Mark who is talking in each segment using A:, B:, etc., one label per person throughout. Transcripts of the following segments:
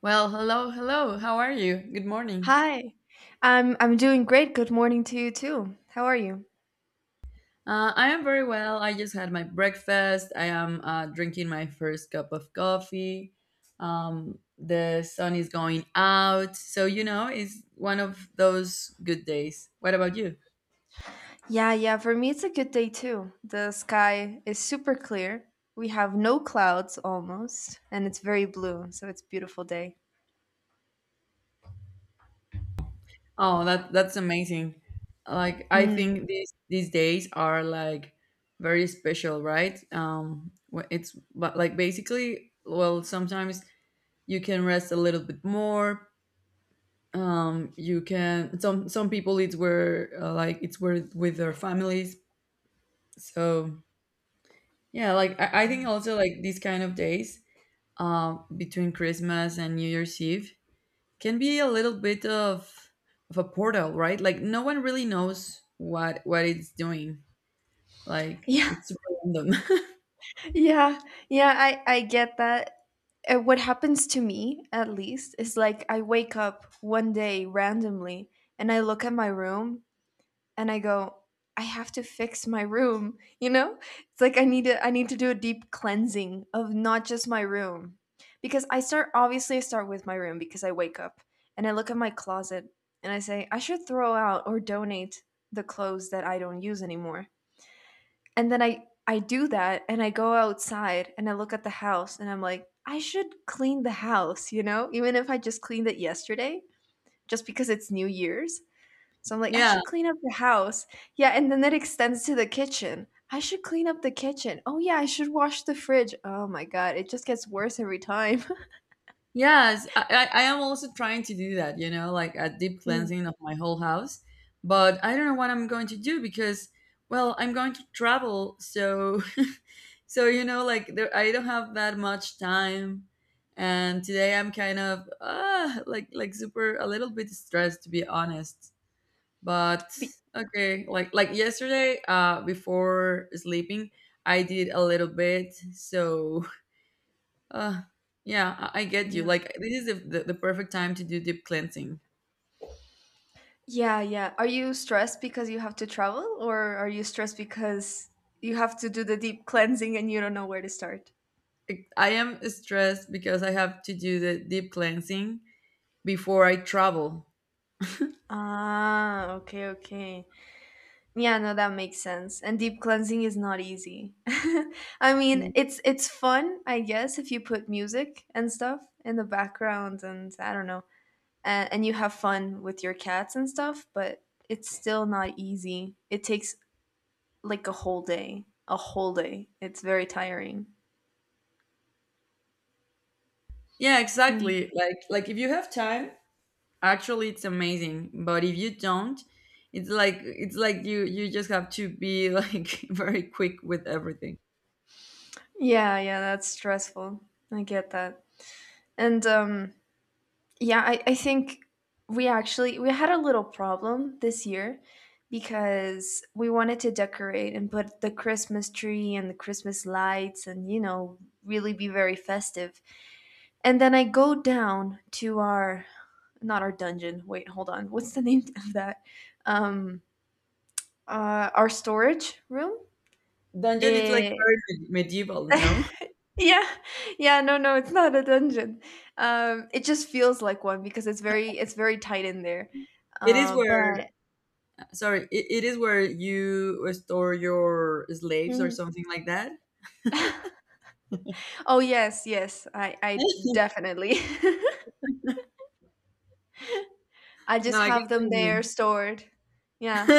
A: Well, hello, hello. How are you? Good morning.
B: Hi. I'm doing great. Good morning to you too. How are you?
A: I am very well. I just had my breakfast. I am drinking my first cup of coffee. The sun is going out, so you know it's one of those good days. What about you?
B: Yeah, yeah, for me it's a good day too. The sky is super clear. We have no clouds almost, and it's very blue, so it's beautiful day.
A: Oh, that's amazing. Like I
B: Mm.
A: think these days are like very special, right? It's but like basically, well, sometimes you can rest a little bit more, you can, some people it's where like it's where with their families, so yeah, like I think also like these kind of days, between Christmas and New Year's Eve, can be a little bit of a portal, right? Like no one really knows what it's doing, like
B: Yeah,
A: it's random.
B: yeah, yeah, I get that. What happens to me, at least, is like I wake up one day randomly and I look at my room and I go, I have to fix my room, you know? It's like I need to do a deep cleansing of not just my room. Because I start obviously I start with my room because I wake up and I look at my closet and I say I should throw out or donate the clothes that I don't use anymore. And then I do that and I go outside and I look at the house and I'm like I should clean the house, you know? Even if I just cleaned it yesterday just because it's New Year's. So I'm like, I
A: Yeah.
B: should clean up the house. Yeah, and then that extends to the kitchen. I should clean up the kitchen. Oh yeah, I should wash the fridge. Oh my god, it just gets worse every time.
A: Yes, I am also trying to do that, you know, like a deep
B: Mm.
A: cleansing of my whole house. But I don't know what I'm going to do because, well, I'm going to travel, so, so you know, like there, I don't have that much time. And today I'm kind of like super a little bit stressed, to be honest. But
B: Be-
A: okay, like yesterday, before sleeping, I did a little bit, so uh, yeah, I get you.
B: Yeah,
A: Like, this is the, the perfect time to do deep cleansing.
B: yeah, yeah. Are you stressed because you have to travel, or are you stressed because you have to do the deep cleansing and you don't know where to start?
A: I am stressed because I have to do the deep cleansing before I travel.
B: Ah, okay, okay. Yeah, no, that makes sense. And deep cleansing is not easy. I
A: Mm.
B: mean, it's fun, I guess, if you put music and stuff in the background and I don't know, and you have fun with your cats and stuff, but it's still not easy. It takes like a whole day, a whole day. It's very tiring.
A: Yeah,
B: Mm.
A: exactly. Like if you have time, actually, it's amazing. But if you don't, it's like, you just have to be like, very quick with everything.
B: Yeah, yeah, that's stressful. I get that. And yeah, I think we actually we had a little problem this year because we wanted to decorate and put the Christmas tree and the Christmas lights and you know really be very festive. And then I go down to our not our dungeon. Wait, hold on. What's the name of that? Um our storage room?
A: Dungeon, it's like
B: Eh,
A: very medieval, no?
B: yeah. Yeah, no, no, it's not a dungeon. It just feels like one because it's very tight in there.
A: It is
B: Uh,
A: where,
B: but
A: sorry, it is where you store your slaves or
B: mm.
A: something like that.
B: Oh yes, yes. I definitely. I
A: No,
B: just
A: I get
B: have
A: what
B: them
A: you
B: there
A: mean.
B: stored. Yeah.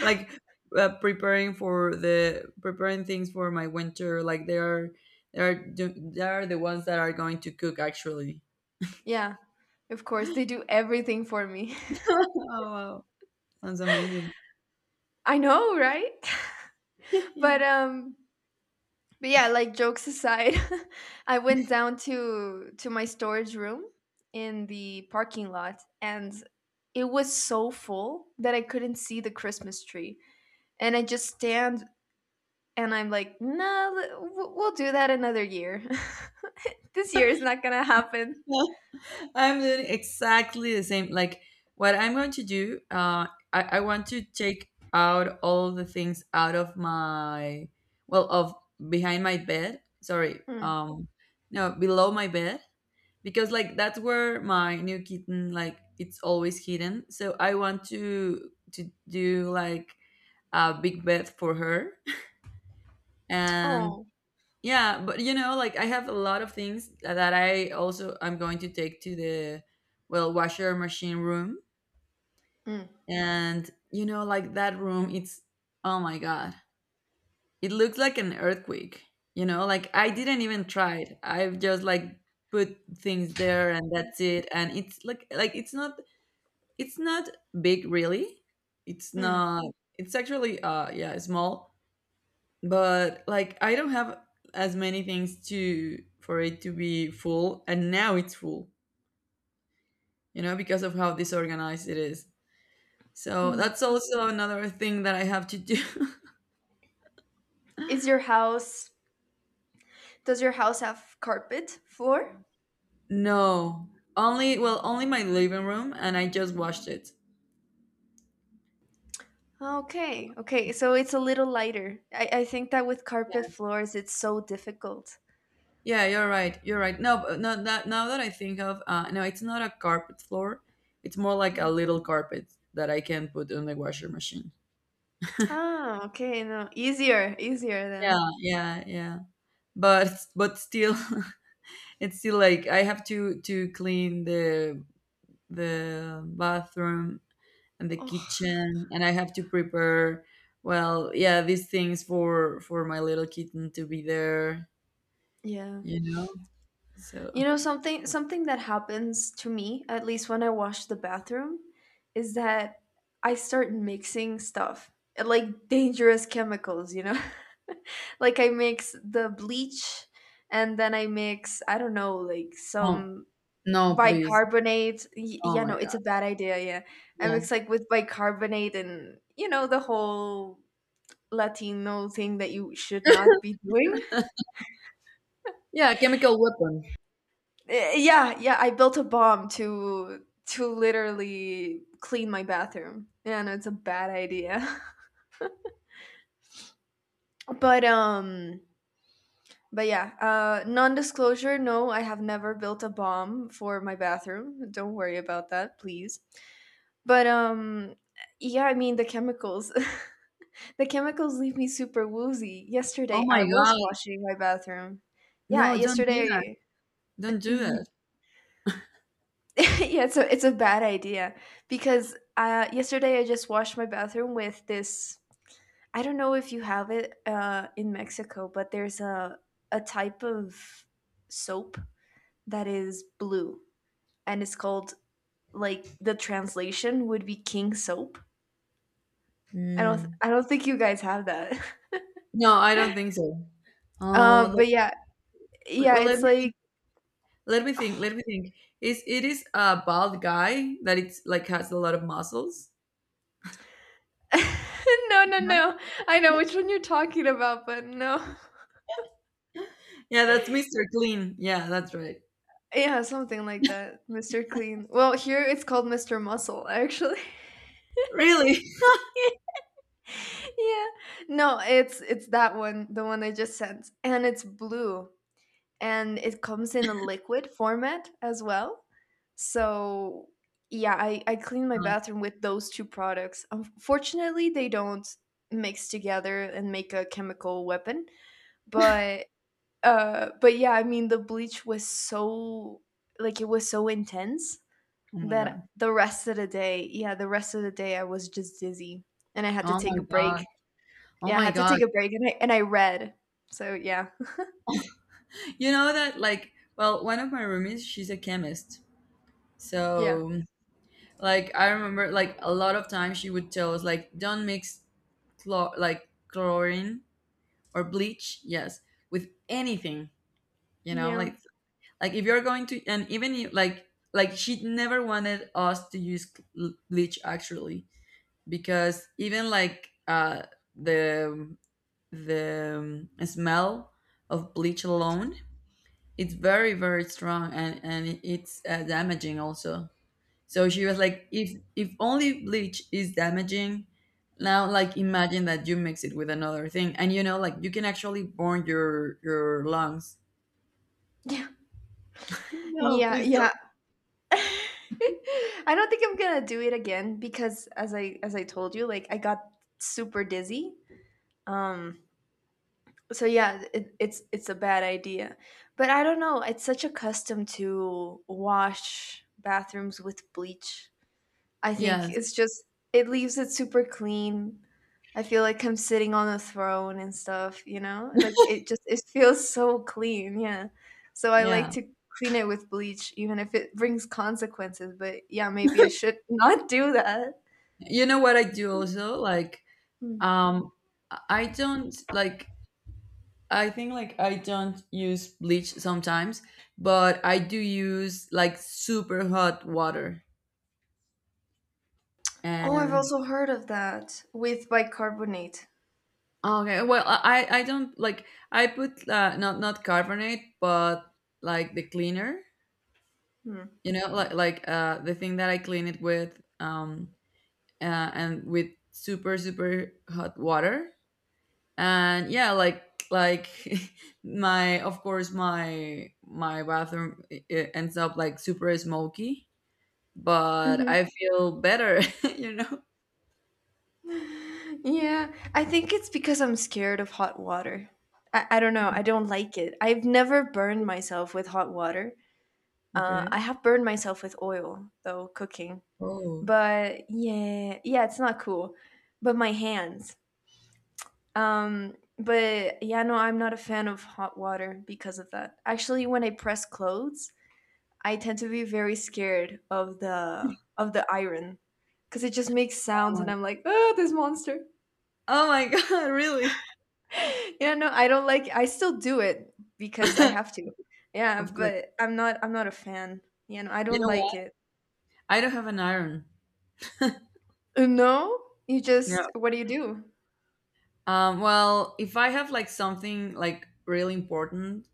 A: Like, preparing for the, preparing things for my winter, like they are, they are the ones that are going to cook, actually.
B: Yeah. Of course they do everything for me.
A: Oh wow, sounds amazing.
B: I know, right? But but yeah, like jokes aside, I went down to my storage room in the parking lot and it was so full that I couldn't see the Christmas tree. And I just stand and I'm like, no, we'll do that another year. This year is not gonna happen.
A: Yeah. I'm doing exactly the same. Like what I'm going to do, I want to take out all the things out of my, well, of behind my bed. Sorry,
B: Mm.
A: no, below my bed, because like that's where my new kitten, like it's always hidden, so I want to do like a big bed for her. And
B: Oh,
A: yeah, but you know, like I have a lot of things that I'm going to take to the, well, washer machine room.
B: mm,
A: And you know, like that room, it's oh my god, it looks like an earthquake. You know, like I didn't even try it, I've just like put things there and that's it. And it's like, it's not, it's not big, really. It's
B: mm,
A: not. It's actually, yeah, small. But like, I don't have as many things to for it to be full, and now it's full. You know, because of how disorganized it is. So
B: mm.
A: that's also another thing that I have to do.
B: Is your house? Does your house have carpet floor?
A: No, only, well, only my living room, and I just washed it.
B: Okay, okay, so it's a little lighter. I think that with carpet floors, it's so difficult.
A: Yeah, you're right. You're right. No, but no, that, now that I think of, no, it's not a carpet floor. It's more like a
B: Mm.
A: little carpet that I can put on the washer machine.
B: Ah, okay, no, easier, easier then.
A: Yeah, yeah, yeah. But but still, it's still like I have to clean the bathroom and the
B: Oh,
A: kitchen, and I have to prepare. Well, yeah, these things for my little kitten to be there,
B: yeah.
A: you know.
B: You
A: So
B: know something that happens to me at least when I wash the bathroom is that I start mixing stuff like dangerous chemicals, you know. Like I mix the bleach and then I mix I don't know like
A: oh
B: some
A: no, please.
B: bicarbonate.
A: Oh
B: Yeah,
A: my
B: no, it's
A: god,
B: a bad idea. Yeah, I mix
A: yes.
B: like with bicarbonate and you know the whole Latino thing that you should not be doing.
A: Yeah, chemical weapon.
B: Yeah, yeah, I built a bomb to literally clean my bathroom. And it's a bad idea. But but yeah, non-disclosure, no, I have never built a bomb for my bathroom. Don't worry about that, please. But yeah, I mean the chemicals. The chemicals leave me super woozy.
A: Oh
B: Yesterday I
A: my
B: was
A: god,
B: washing my bathroom. Yeah,
A: no, don't do that.
B: yesterday
A: Don't do that.
B: yeah, it's a bad idea because yesterday I just washed my bathroom with this. I don't know if you have it in Mexico, but there's a type of soap that is blue, and it's called like the translation would be king soap. I don't th-
A: Mm.
B: I don't think you guys have that.
A: No, I don't think so. Oh well, let,
B: But yeah,
A: wait,
B: yeah,
A: well,
B: it's like
A: let me think. Let me think. Is it is a bald guy that it's like has a lot of muscles?
B: no, no,
A: No?
B: no. I know which one you're talking about, but no.
A: Yeah, that's Mr. Clean. Yeah, that's right.
B: Yeah, something like that. Mr. Clean. Well, here it's called Mr. Muscle, actually.
A: Really?
B: yeah. No, it's that one, the one I just sent. And it's blue. And it comes in a liquid format as well. So yeah, I clean my bathroom with those two products. Unfortunately, they don't mix together and make a chemical weapon. But but yeah, I mean the bleach was so like it was so intense.
A: Oh my
B: Then
A: god.
B: the rest of the day yeah, the rest of the day I was just dizzy, and I had to
A: Oh my
B: take a break.
A: god. Oh
B: Yeah, I
A: my
B: had to
A: god.
B: take a break, and I read. So, yeah.
A: You know that, like, well, one of my roomies, she's a chemist.
B: Yeah.
A: So like I remember like a lot of times she would tell us, like, don't mix chlor like chlorine, or bleach, yes, with anything, you know,
B: Yeah.
A: like. Like if you're going to, and even if, like she never wanted us to use bleach actually, because even like the the smell of bleach alone, it's very very strong, and it's damaging also. So she was like, if only bleach is damaging, now like imagine that you mix it with another thing, and you know, like you can actually burn your lungs.
B: Yeah.
A: No,
B: Yeah,
A: please
B: yeah.
A: don't.
B: I don't think I'm gonna do it again because as I told you, like, I got super dizzy. Um, so yeah, it's a bad idea. But I don't know, it's such a custom to wash bathrooms with bleach. I think
A: Yes.
B: it's just it leaves it super clean. I feel like I'm sitting on a throne and stuff, you know? Like it just it feels so clean, yeah. So I like
A: Yeah.
B: to clean it with bleach even if it brings consequences, but yeah, maybe I should not do that.
A: You know what I do also? Like,
B: Hmm.
A: um, I don't like. I think, like, I don't use bleach sometimes, but I do use like super hot water.
B: Oh, I've
A: And
B: also heard of that with bicarbonate.
A: okay, well, I don't like, I put not, not carbonate, but like the cleaner.
B: Hmm.
A: You know, like the thing that I clean it with, and with super super hot water. And yeah, like my, of course my, my bathroom ends up like super smoky, but
B: Mhm.
A: I feel better. You know?
B: Yeah, I think it's because I'm scared of hot water. I don't know. I don't like it. I've never burned myself with hot water. Uh,
A: Okay.
B: I have burned myself with oil though cooking,
A: Oh.
B: but yeah, yeah, it's not cool. But my hands. But yeah, no, I'm not a fan of hot water because of that. Actually, when I press clothes, I tend to be very scared of the iron because it just makes
A: Oh
B: sounds, and
A: my,
B: I'm like, oh, this monster.
A: oh my god, really?
B: Yeah, no, I don't like. I still do it because I have to. Yeah,
A: Of course.
B: but I'm not. I'm not a fan. You know, I
A: You
B: don't
A: know
B: like
A: what?
B: it.
A: I don't have an iron.
B: No, you just
A: No.
B: what do you do?
A: Well, if I have like something like really important,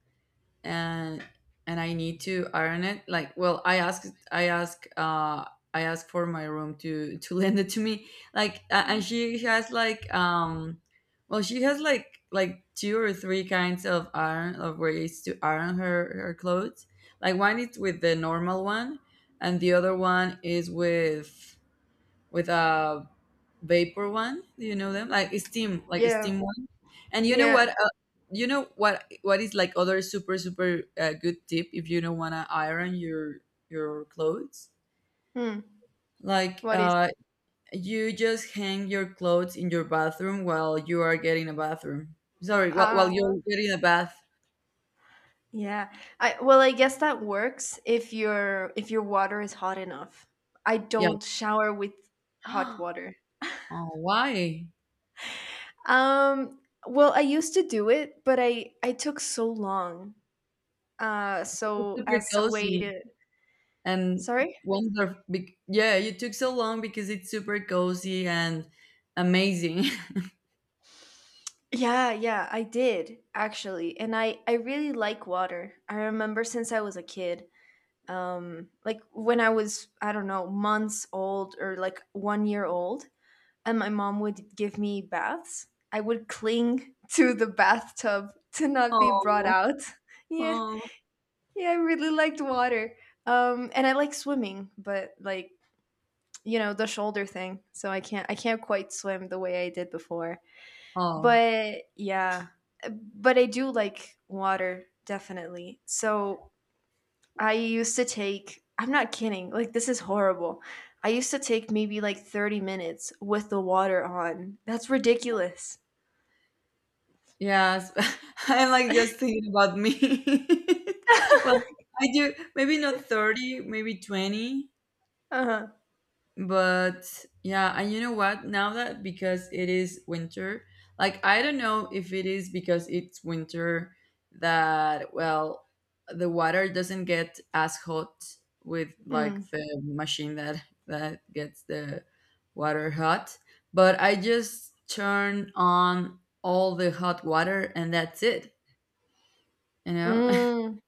A: and and I need to iron it. Like, well, I asked, I asked, I asked for my room to lend it to me. Like, and she has like, well, she has like two or three kinds of iron, of ways to iron her, her clothes. Like one is with the normal one, and the other one is with a vapor one. Do you know them? Like
B: Yeah,
A: steam one. And you know
B: yeah.
A: what? You know what? What is like other super super good tip if you don't wanna iron your clothes?
B: Hmm.
A: Like
B: What is?
A: you just hang your clothes in your bathroom while you are getting a bathroom. Sorry, while
B: Ah,
A: you're getting a bath.
B: yeah. I well, I guess that works if your water is hot enough. I
A: Yeah.
B: don't shower with hot water.
A: Oh, why?
B: Um. Well, I used to do it, but I took so long.
A: It's
B: So
A: super
B: as a way
A: cozy
B: to
A: and
B: sorry.
A: wonderful. Yeah, you took so long because it's super cozy and amazing.
B: Yeah, yeah, I did actually. And I really like water. I remember since I was a kid. Like when I was I don't know months old or like 1 year old and my mom would give me baths I would cling to the bathtub to not be brought
A: Oh,
B: out yeah,
A: oh,
B: yeah, I really liked water. And I like swimming but like you know the shoulder thing so I can't quite swim the way I did before
A: oh,
B: but yeah, but I do like water definitely. So I used to take, I'm not kidding, like this is horrible. I used to take maybe like 30 minutes with the water on. That's ridiculous.
A: yes. I'm like just thinking about me. Well, I do maybe not 30, maybe 20.
B: Uh-huh.
A: But yeah, and you know what, now that, because it is winter, like I don't know if it is because it's winter, that, well, the water doesn't get as hot with like
B: Mm.
A: the machine that, that gets the water hot. But I just turn on all the hot water and that's it, you know.
B: Mm.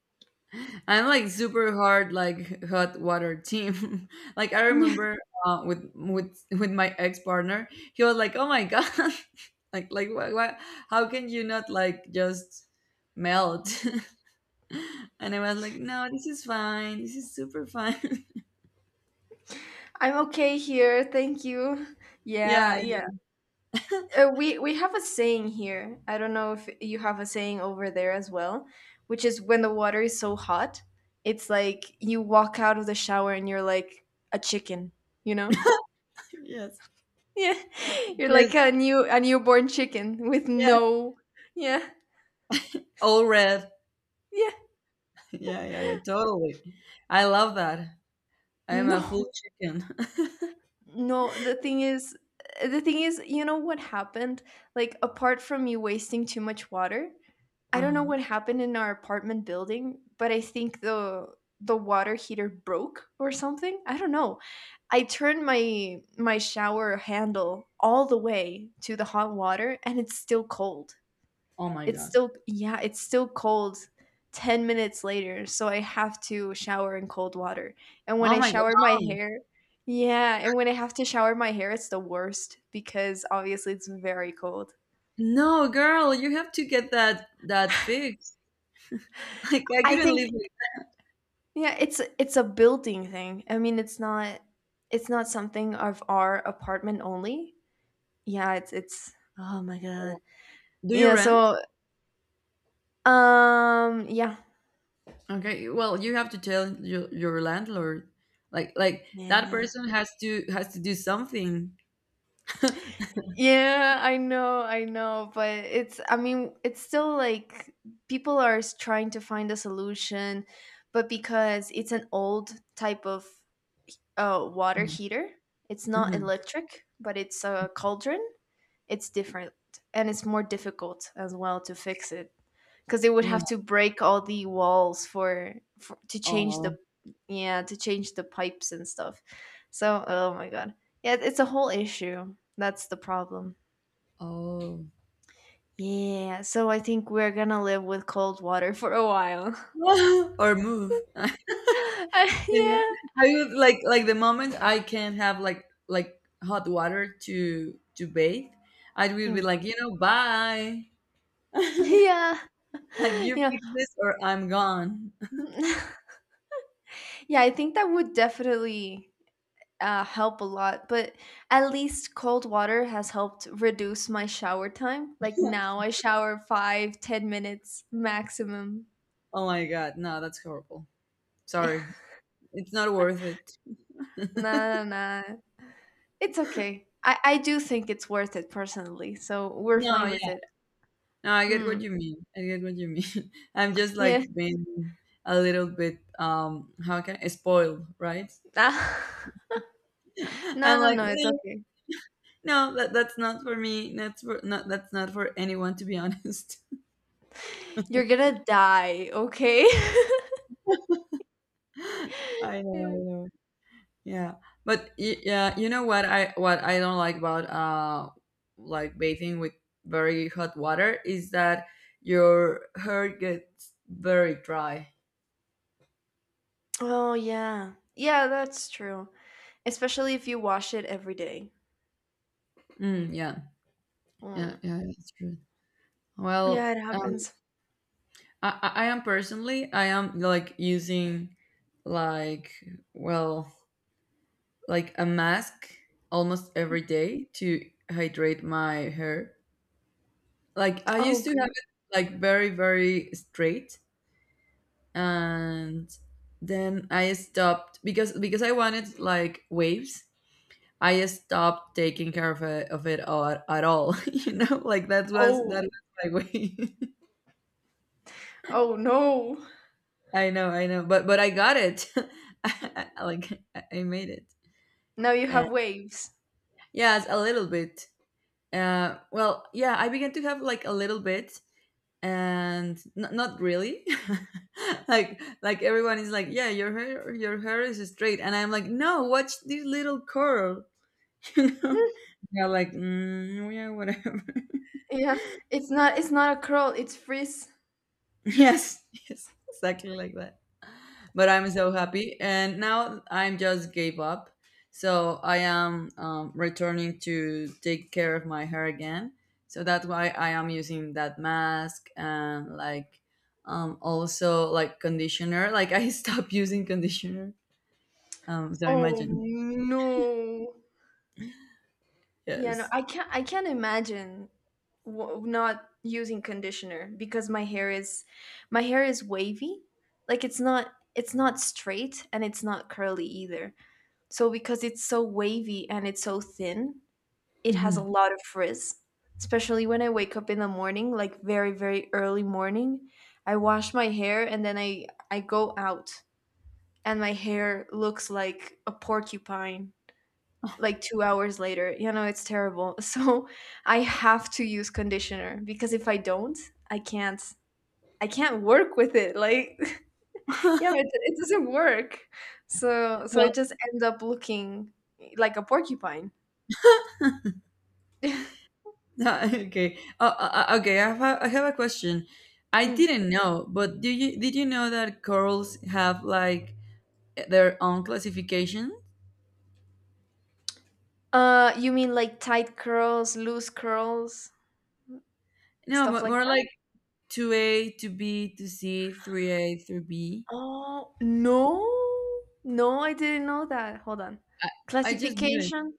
A: I'm like super hard, like hot water team. Like I remember, with my ex partner, he was like, "Oh my god, like what, what? How can you not like just melt?" And I was like, "No, this is fine. This is super fine."
B: I'm okay here. Thank you. Yeah,
A: Yeah, yeah,
B: yeah. We have a saying here. I don't know if you have a saying over there as well, which is when the water is so hot, it's like you walk out of the shower and you're like a chicken, you know?
A: yes,
B: Yeah, you're like
A: yes,
B: a newborn chicken with
A: yeah.
B: no. Yeah,
A: All red.
B: yeah.
A: Yeah, yeah, yeah. Totally. I love that. I am a full
B: No,
A: chicken.
B: no. The thing is, you know what happened? Like apart from you wasting too much water, I
A: Uh
B: don't know
A: huh.
B: what happened in our apartment building, but I think the water heater broke or something. I don't know. I turned my shower handle all the way to the hot water and it's still cold.
A: Oh my
B: It's
A: god.
B: still yeah, it's still cold 10 minutes later, so I have to shower in cold water. And when
A: Oh
B: I
A: my
B: shower my
A: god.
B: hair yeah, and when I have to shower my hair, it's the worst because obviously it's very cold.
A: No, girl, you have to get that fixed. Like I
B: I
A: couldn't
B: think
A: live with.
B: yeah, it's a building thing. I mean, it's not something of our apartment only. Yeah, it's oh my god.
A: Do you
B: Yeah,
A: rent?
B: so yeah.
A: Okay, well, you have to tell your landlord. Like that
B: Yeah.
A: person has to, has to do something.
B: Yeah, I know, but it's I mean, it's still like people are trying to find a solution, but because it's an old type of water heater, it's not
A: Mm-hmm.
B: electric, but it's a cauldron, it's different and it's more difficult as well to fix it because they would
A: Yeah.
B: have to break all the walls for to change the
A: Oh.
B: yeah, to change the pipes and stuff. So, oh my god. Yeah, it's a whole issue. That's the problem.
A: Oh.
B: Yeah, so I think we're gonna live with cold water for a while.
A: Or move. Yeah.
B: Yeah.
A: I would like the moment I can have like hot water to bathe, I would be
B: Mm.
A: like, you know, bye.
B: Yeah.
A: Like, you
B: Yeah.
A: fix this or I'm gone.
B: Yeah, I think that would definitely help a lot, but at least cold water has helped reduce my shower time. Like now I shower five, ten minutes maximum.
A: Oh my god, no, that's horrible. Sorry, it's not worth it.
B: Nah, nah, nah. It's okay. I do think it's worth it personally, so we're
A: No,
B: fine with
A: yeah,
B: it.
A: no, I get what
B: Mm.
A: you mean. I get what you mean. I'm just
B: Yeah.
A: like being a little bit, how can I, spoiled, right?
B: No,
A: I'm
B: no,
A: like,
B: no, it's
A: no,
B: okay.
A: no, that, that's not for me. That's for not, that's not for anyone, to be honest.
B: You're gonna die, okay?
A: I know, I
B: Yeah.
A: know. Yeah, but yeah, you know what I, what I don't like about like bathing with very hot water is that your hair gets very dry.
B: Oh, yeah. Yeah, that's true. Especially if you wash it every day.
A: Mm, yeah, yeah,
B: Mm.
A: yeah, that's true.
B: Yeah, it
A: Well,
B: happens.
A: I am personally, I am like using like, well, like a mask almost every day to hydrate my hair. Like I
B: Oh,
A: used to have
B: God.
A: it like very very straight, and then I stopped because I wanted like waves. I stopped taking care of it all, at all. You know, like that was
B: Oh,
A: my way.
B: oh no.
A: I know, but I got it. I made it.
B: Now you
A: Uh,
B: have waves.
A: yes, a little bit. Well, yeah, I began to have like a little bit, and not really. Like everyone is like, yeah, your hair is straight, and I'm like, no, watch this little curl. you know they're like mm, yeah whatever
B: Yeah, it's not a curl, it's frizz.
A: yes yes exactly like that but I'm so happy and now I'm just gave up so I am returning to take care of my hair again. So that's why I am using that mask and like also like conditioner, like I stopped using conditioner. So
B: Oh
A: imagine.
B: no. Yeah, no,
A: Yes.
B: I can't. I can't imagine not using conditioner because my hair is wavy. Like it's not. It's not straight and it's not curly either. So because it's so wavy and it's so thin, it has a
A: Mhm.
B: lot of frizz. Especially when I wake up in the morning, like very very early morning, I wash my hair and then I go out and my hair looks like a porcupine like 2 hours later. You know, it's terrible. So I have to use conditioner because if I don't, I can't I can't work with it. Like yeah, it doesn't work. So so it just ends up looking like a porcupine.
A: Okay. Okay. I have a question. I
B: Mm.
A: didn't know, but do you did you know that corals have like their own classification?
B: You mean like tight curls, loose curls,
A: No,
B: stuff like
A: more
B: that?
A: like two A, two B, two C, three A, three B.
B: Oh, no. No, I didn't know that. Hold on.
A: I, I just knew it.
B: Classification?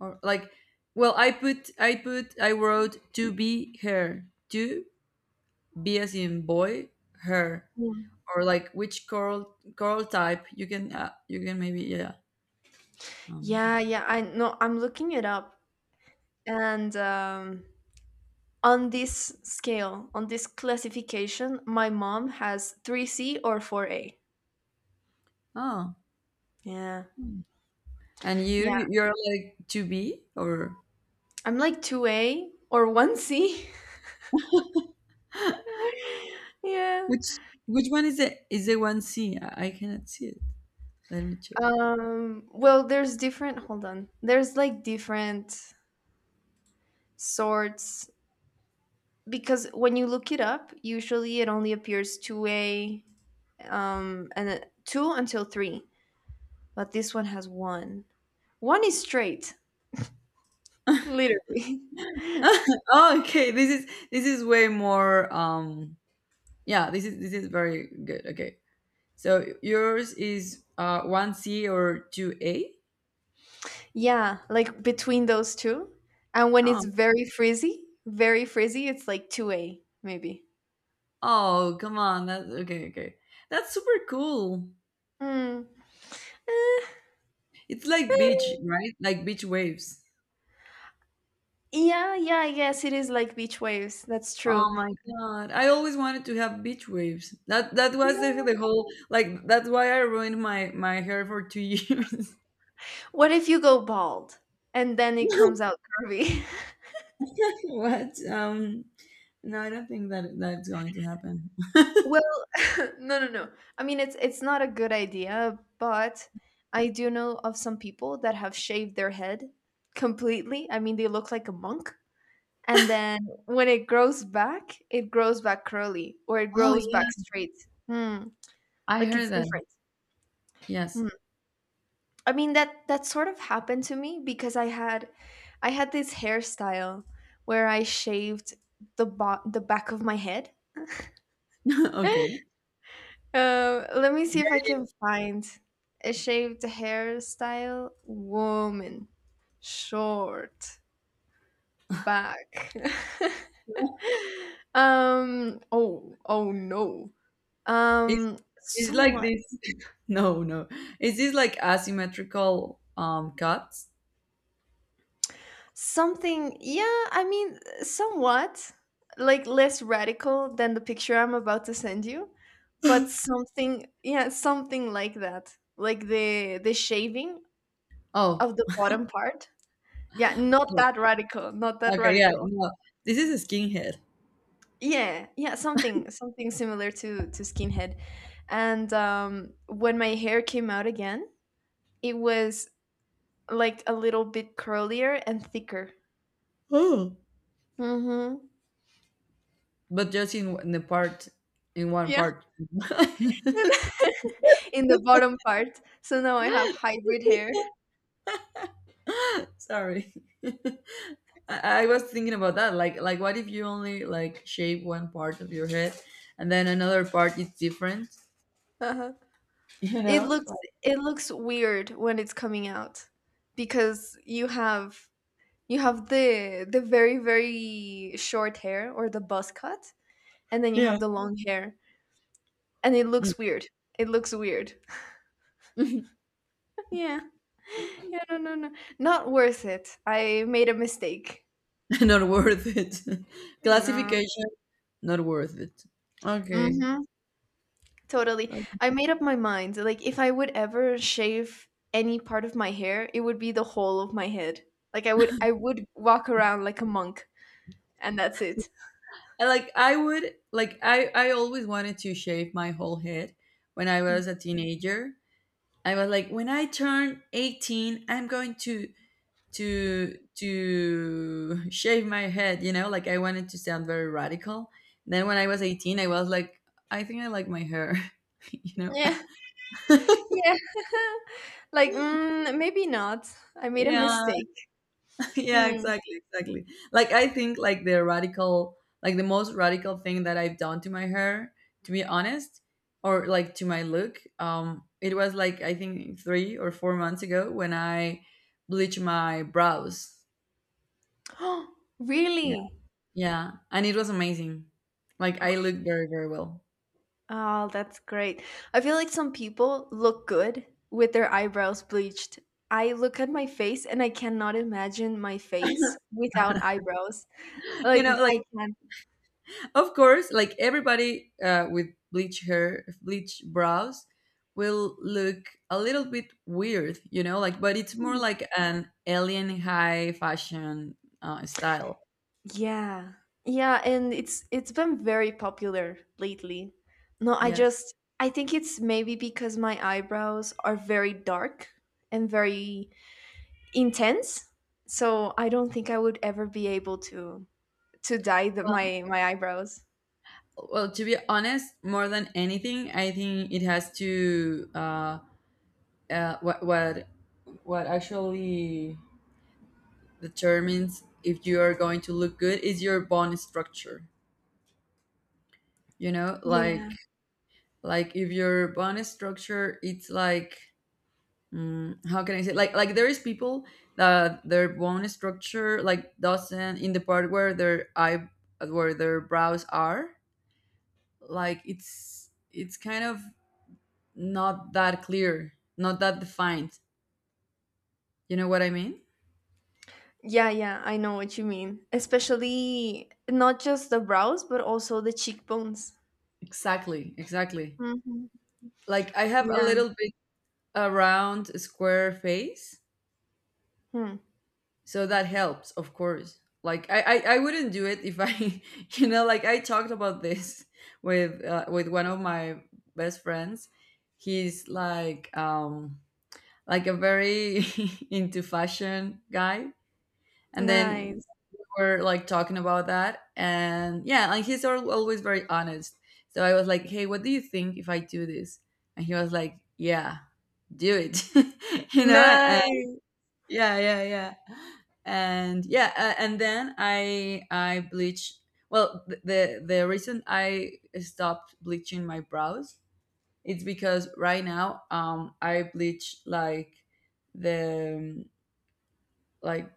A: Or like, well, I put I wrote two B hair, two B as in boy hair,
B: Mm.
A: or like which coral type you can maybe, yeah. Um,
B: Yeah, yeah, I know. I'm looking it up. And on this scale, on this classification, my mom has 3C or 4A.
A: oh.
B: Yeah.
A: Hmm. And
B: Yeah.
A: you're like 2B or
B: I'm like 2A or 1C. Yeah.
A: which which one is it? Is it 1C? I cannot see it. Let me check.
B: Well, there's different, hold on. There's like different sorts because when you look it up, usually it only appears 2A and then 2 until 3. But this one has 1. 1 is straight, literally.
A: Oh, okay, this is way more um, yeah, this is very good. Okay. So yours is 1C or 2A?
B: Yeah, like between those two. And when
A: Oh.
B: it's very frizzy, it's like 2A, maybe.
A: Oh, come on. That's okay, okay. That's super cool.
B: Mm. Eh,
A: It's like beach,
B: eh.
A: right? Like beach waves.
B: Yeah, yeah, I guess it is like beach waves. That's true.
A: Oh my God. I always wanted to have beach waves. That that was
B: No.
A: the whole like that's why I ruined my my hair for 2 years.
B: What if you go bald and then it comes out curvy?
A: What? No, I don't think that that's going to happen.
B: Well, no, no, no. I mean, it's not a good idea, but I do know of some people that have shaved their head completely. I mean, they look like a monk. And then when it grows back curly or it
A: Oh
B: grows back
A: yeah.
B: straight. Hmm.
A: I
B: Like
A: heard
B: it's
A: that.
B: different.
A: Yes.
B: Hmm. I mean that sort of happened to me because I had this hairstyle where I shaved the the back of my head.
A: Okay.
B: Let me see if I can find a shaved hairstyle woman short back. Um, oh oh no.
A: It's it's like
B: Somewhat.
A: this. No, no. Is this like asymmetrical cuts?
B: Something, yeah, I mean, somewhat, like less radical than the picture I'm about to send you, but something, yeah, something like that. Like the shaving
A: Oh,
B: of the bottom part. Yeah, not that radical, not that
A: okay, yeah.
B: radical.
A: No. This is a skinhead.
B: Yeah, yeah, something something similar to skinhead. And when my hair came out again, it was like a little bit curlier and thicker.
A: Oh.
B: Mhm.
A: But just in the part in one
B: Yeah.
A: part.
B: In the bottom part. So now I have hybrid hair.
A: Sorry, I was thinking about that. Like what if you only like shape one part of your head, and then another part is different.
B: Uh-huh.
A: You
B: It
A: know?
B: looks it looks weird when it's coming out because you have the very very short hair or the buzz cut and then you
A: Yeah.
B: have the long hair and it looks weird. It looks weird.
A: Mm.
B: Yeah. Yeah, no, no, no. Not worth it. I made a mistake.
A: Not worth it.
B: No.
A: Classification not worth it. Okay.
B: Mhm. Totally.
A: I
B: I made up my mind. Like, if I would ever shave any part of my hair, it would be the whole of my head. Like, I would walk around like a monk, and that's it.
A: like I would like I always wanted to shave my whole head when I
B: Mm.
A: was a teenager. I was like, when I turn 18, I'm going to to shave my head, you know, like I wanted to sound very radical. Then when I was 18, I was like, I think I like my hair, you know.
B: Yeah, yeah. Like, mm, maybe not. I made a
A: Yeah,
B: mistake.
A: yeah,
B: Mm.
A: exactly, exactly. Like I think like the most radical thing that I've done to my hair, to be honest, or like to my look, it was like I think 3 or 4 months ago when I bleached my brows. Yeah.
B: Really?
A: Yeah, and it was amazing. Like I looked very, very well.
B: Oh, that's great. I feel like some people look good with their eyebrows bleached. I look at my face and I cannot imagine my face without eyebrows.
A: You
B: Like,
A: know, like
B: I can't.
A: of course, like everybody with bleach hair, bleach brows, will look a little bit weird. You know, like but it's more
B: Hmm.
A: like an alien high fashion style.
B: Yeah. Yeah, and it's been very popular lately. No, I
A: Yes.
B: just I think it's maybe because my eyebrows are very dark and very intense. So I don't think I would ever be able to dye
A: Well,
B: my my eyebrows.
A: well, to be honest, more than anything, I think it has to what what actually determines if you are going to look good is your bone structure. You know,
B: Yeah.
A: like if your bonus structure, it's like mm, how can I say, like there is people that their bone structure like doesn't in the part where their eye where their brows are, like it's kind of not that clear, not that defined, you know what I mean.
B: Yeah, yeah, I know what you mean. Especially not just the brows, but also the cheekbones.
A: Exactly, exactly.
B: Hmm.
A: Like I have a
B: Yeah.
A: little bit a round square face,
B: Hmm.
A: so that helps. Of course, like I wouldn't do it if I you know, like I talked about this with one of my best friends. He's like a very into fashion guy, and then
B: Nice.
A: we're like talking about that, and yeah like he's always very honest. So I was like, hey, what do you think if I do this, and he was like, yeah, do it. You know, and yeah, yeah, yeah, and yeah, and then I bleach. Well, the reason I stopped bleaching my brows, it's because right now I bleach like the like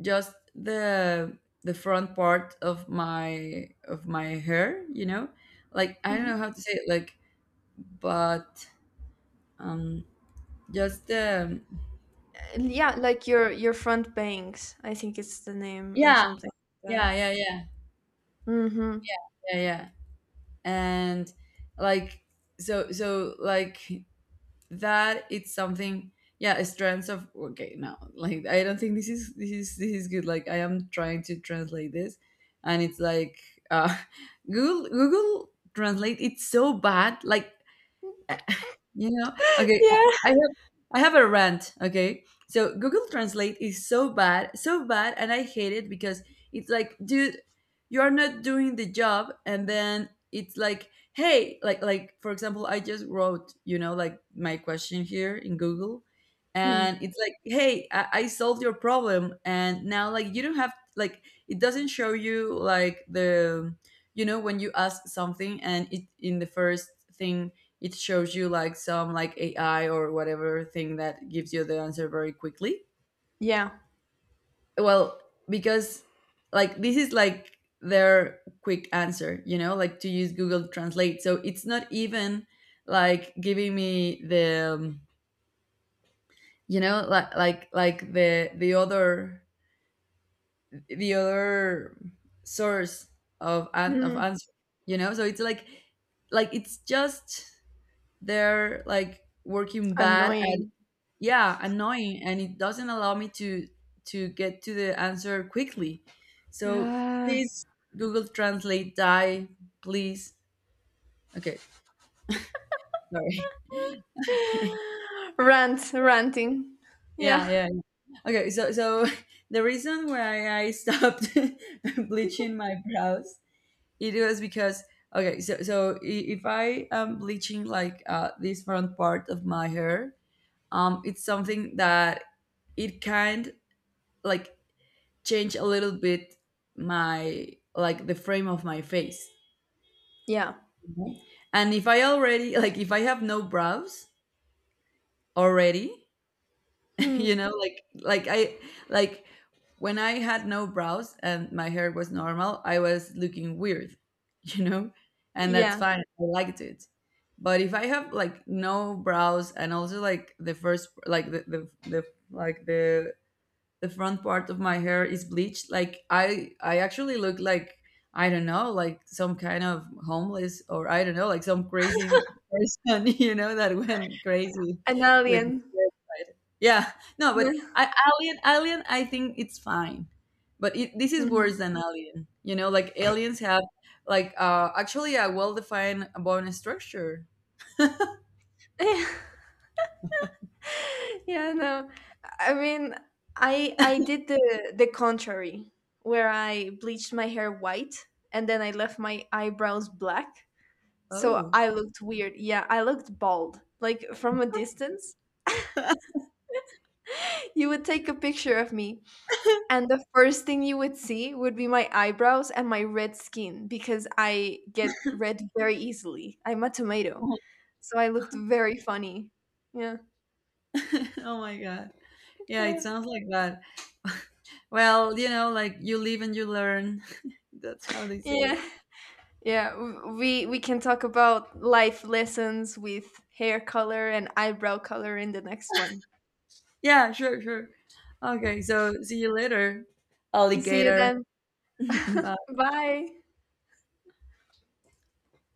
A: just the front part of my hair, you know, like I don't
B: Nice.
A: know how to say it, like but um just the
B: Yeah, like your front bangs I think it's the name or
A: yeah,
B: something like that.
A: yeah, yeah, yeah,
B: Mm-hmm.
A: yeah, yeah. And like, so so like that, it's something, yeah, strands of okay, no, like I don't think this is this is good, like I am trying to translate this, and it's like uh google translate it's so bad, like, uh, you know, okay,
B: Yeah.
A: I have a rant, okay? So Google Translate is so bad, and I hate it because it's like, dude, you are not doing the job, and then it's like, hey, like for example, I just wrote, you know, like my question here in Google,
B: Mm,
A: and it's like, hey, I solved your problem, and now like you don't have like it doesn't show you like the, you know, when you ask something, and it in the first thing it shows you like some like AI or whatever thing that gives you the answer very quickly.
B: yeah.
A: Well, because like this is like their quick answer, you know, like to use Google Translate. So it's not even like giving me the you know, like the other source of of
B: Mm,
A: answer, you know. So it's like it's just they're like working bad at
B: annoying.
A: yeah annoying, and it doesn't allow me to get to the answer quickly, so
B: Ah,
A: please, Google Translate die, please. Okay, sorry.
B: rant ranting.
A: Yeah,
B: Yeah,
A: yeah, okay, so so the reason why I stopped bleaching my brows, it was because, okay, so so if I am bleaching like this front part of my hair um, it's something that it kind like change a little bit my like the frame of my face.
B: yeah.
A: Mhm. And if I already like if I have no brows already, you
B: Mm,
A: know, like I like when I had no brows and my hair was normal, I was looking weird, you know? And that's
B: yeah.
A: fine. I liked it. But if I have like no brows and also like the first like the like the front part of my hair is bleached, like I actually look like I don't know, like some kind of homeless, or I don't know, like some crazy person. You know, that went crazy
B: An
A: with,
B: alien.
A: yeah, no, but
B: Yeah.
A: alien, alien I think it's fine, but it, this is
B: Hmm.
A: worse than alien, you know, like aliens have like actually a well-defined bone structure.
B: Yeah, no, I mean, I did the contrary where I bleached my hair white and then I left my eyebrows black. So
A: Oh.
B: I looked weird. Yeah, I looked bald. Like from a distance, you would take a picture of me, and the first thing you would see would be my eyebrows and my red skin because I get red very easily. I'm a tomato. So I looked very funny. Yeah.
A: Oh my god. Yeah, it
B: Yeah.
A: sounds like that. Well, you know, like you live and you learn. That's how they say it.
B: Yeah. Yeah, we can talk about life lessons with hair color and eyebrow color in the next one.
A: Yeah, sure, sure. Okay, so see you later,
B: See you
A: alligator.
B: then.
A: Bye.
B: Bye.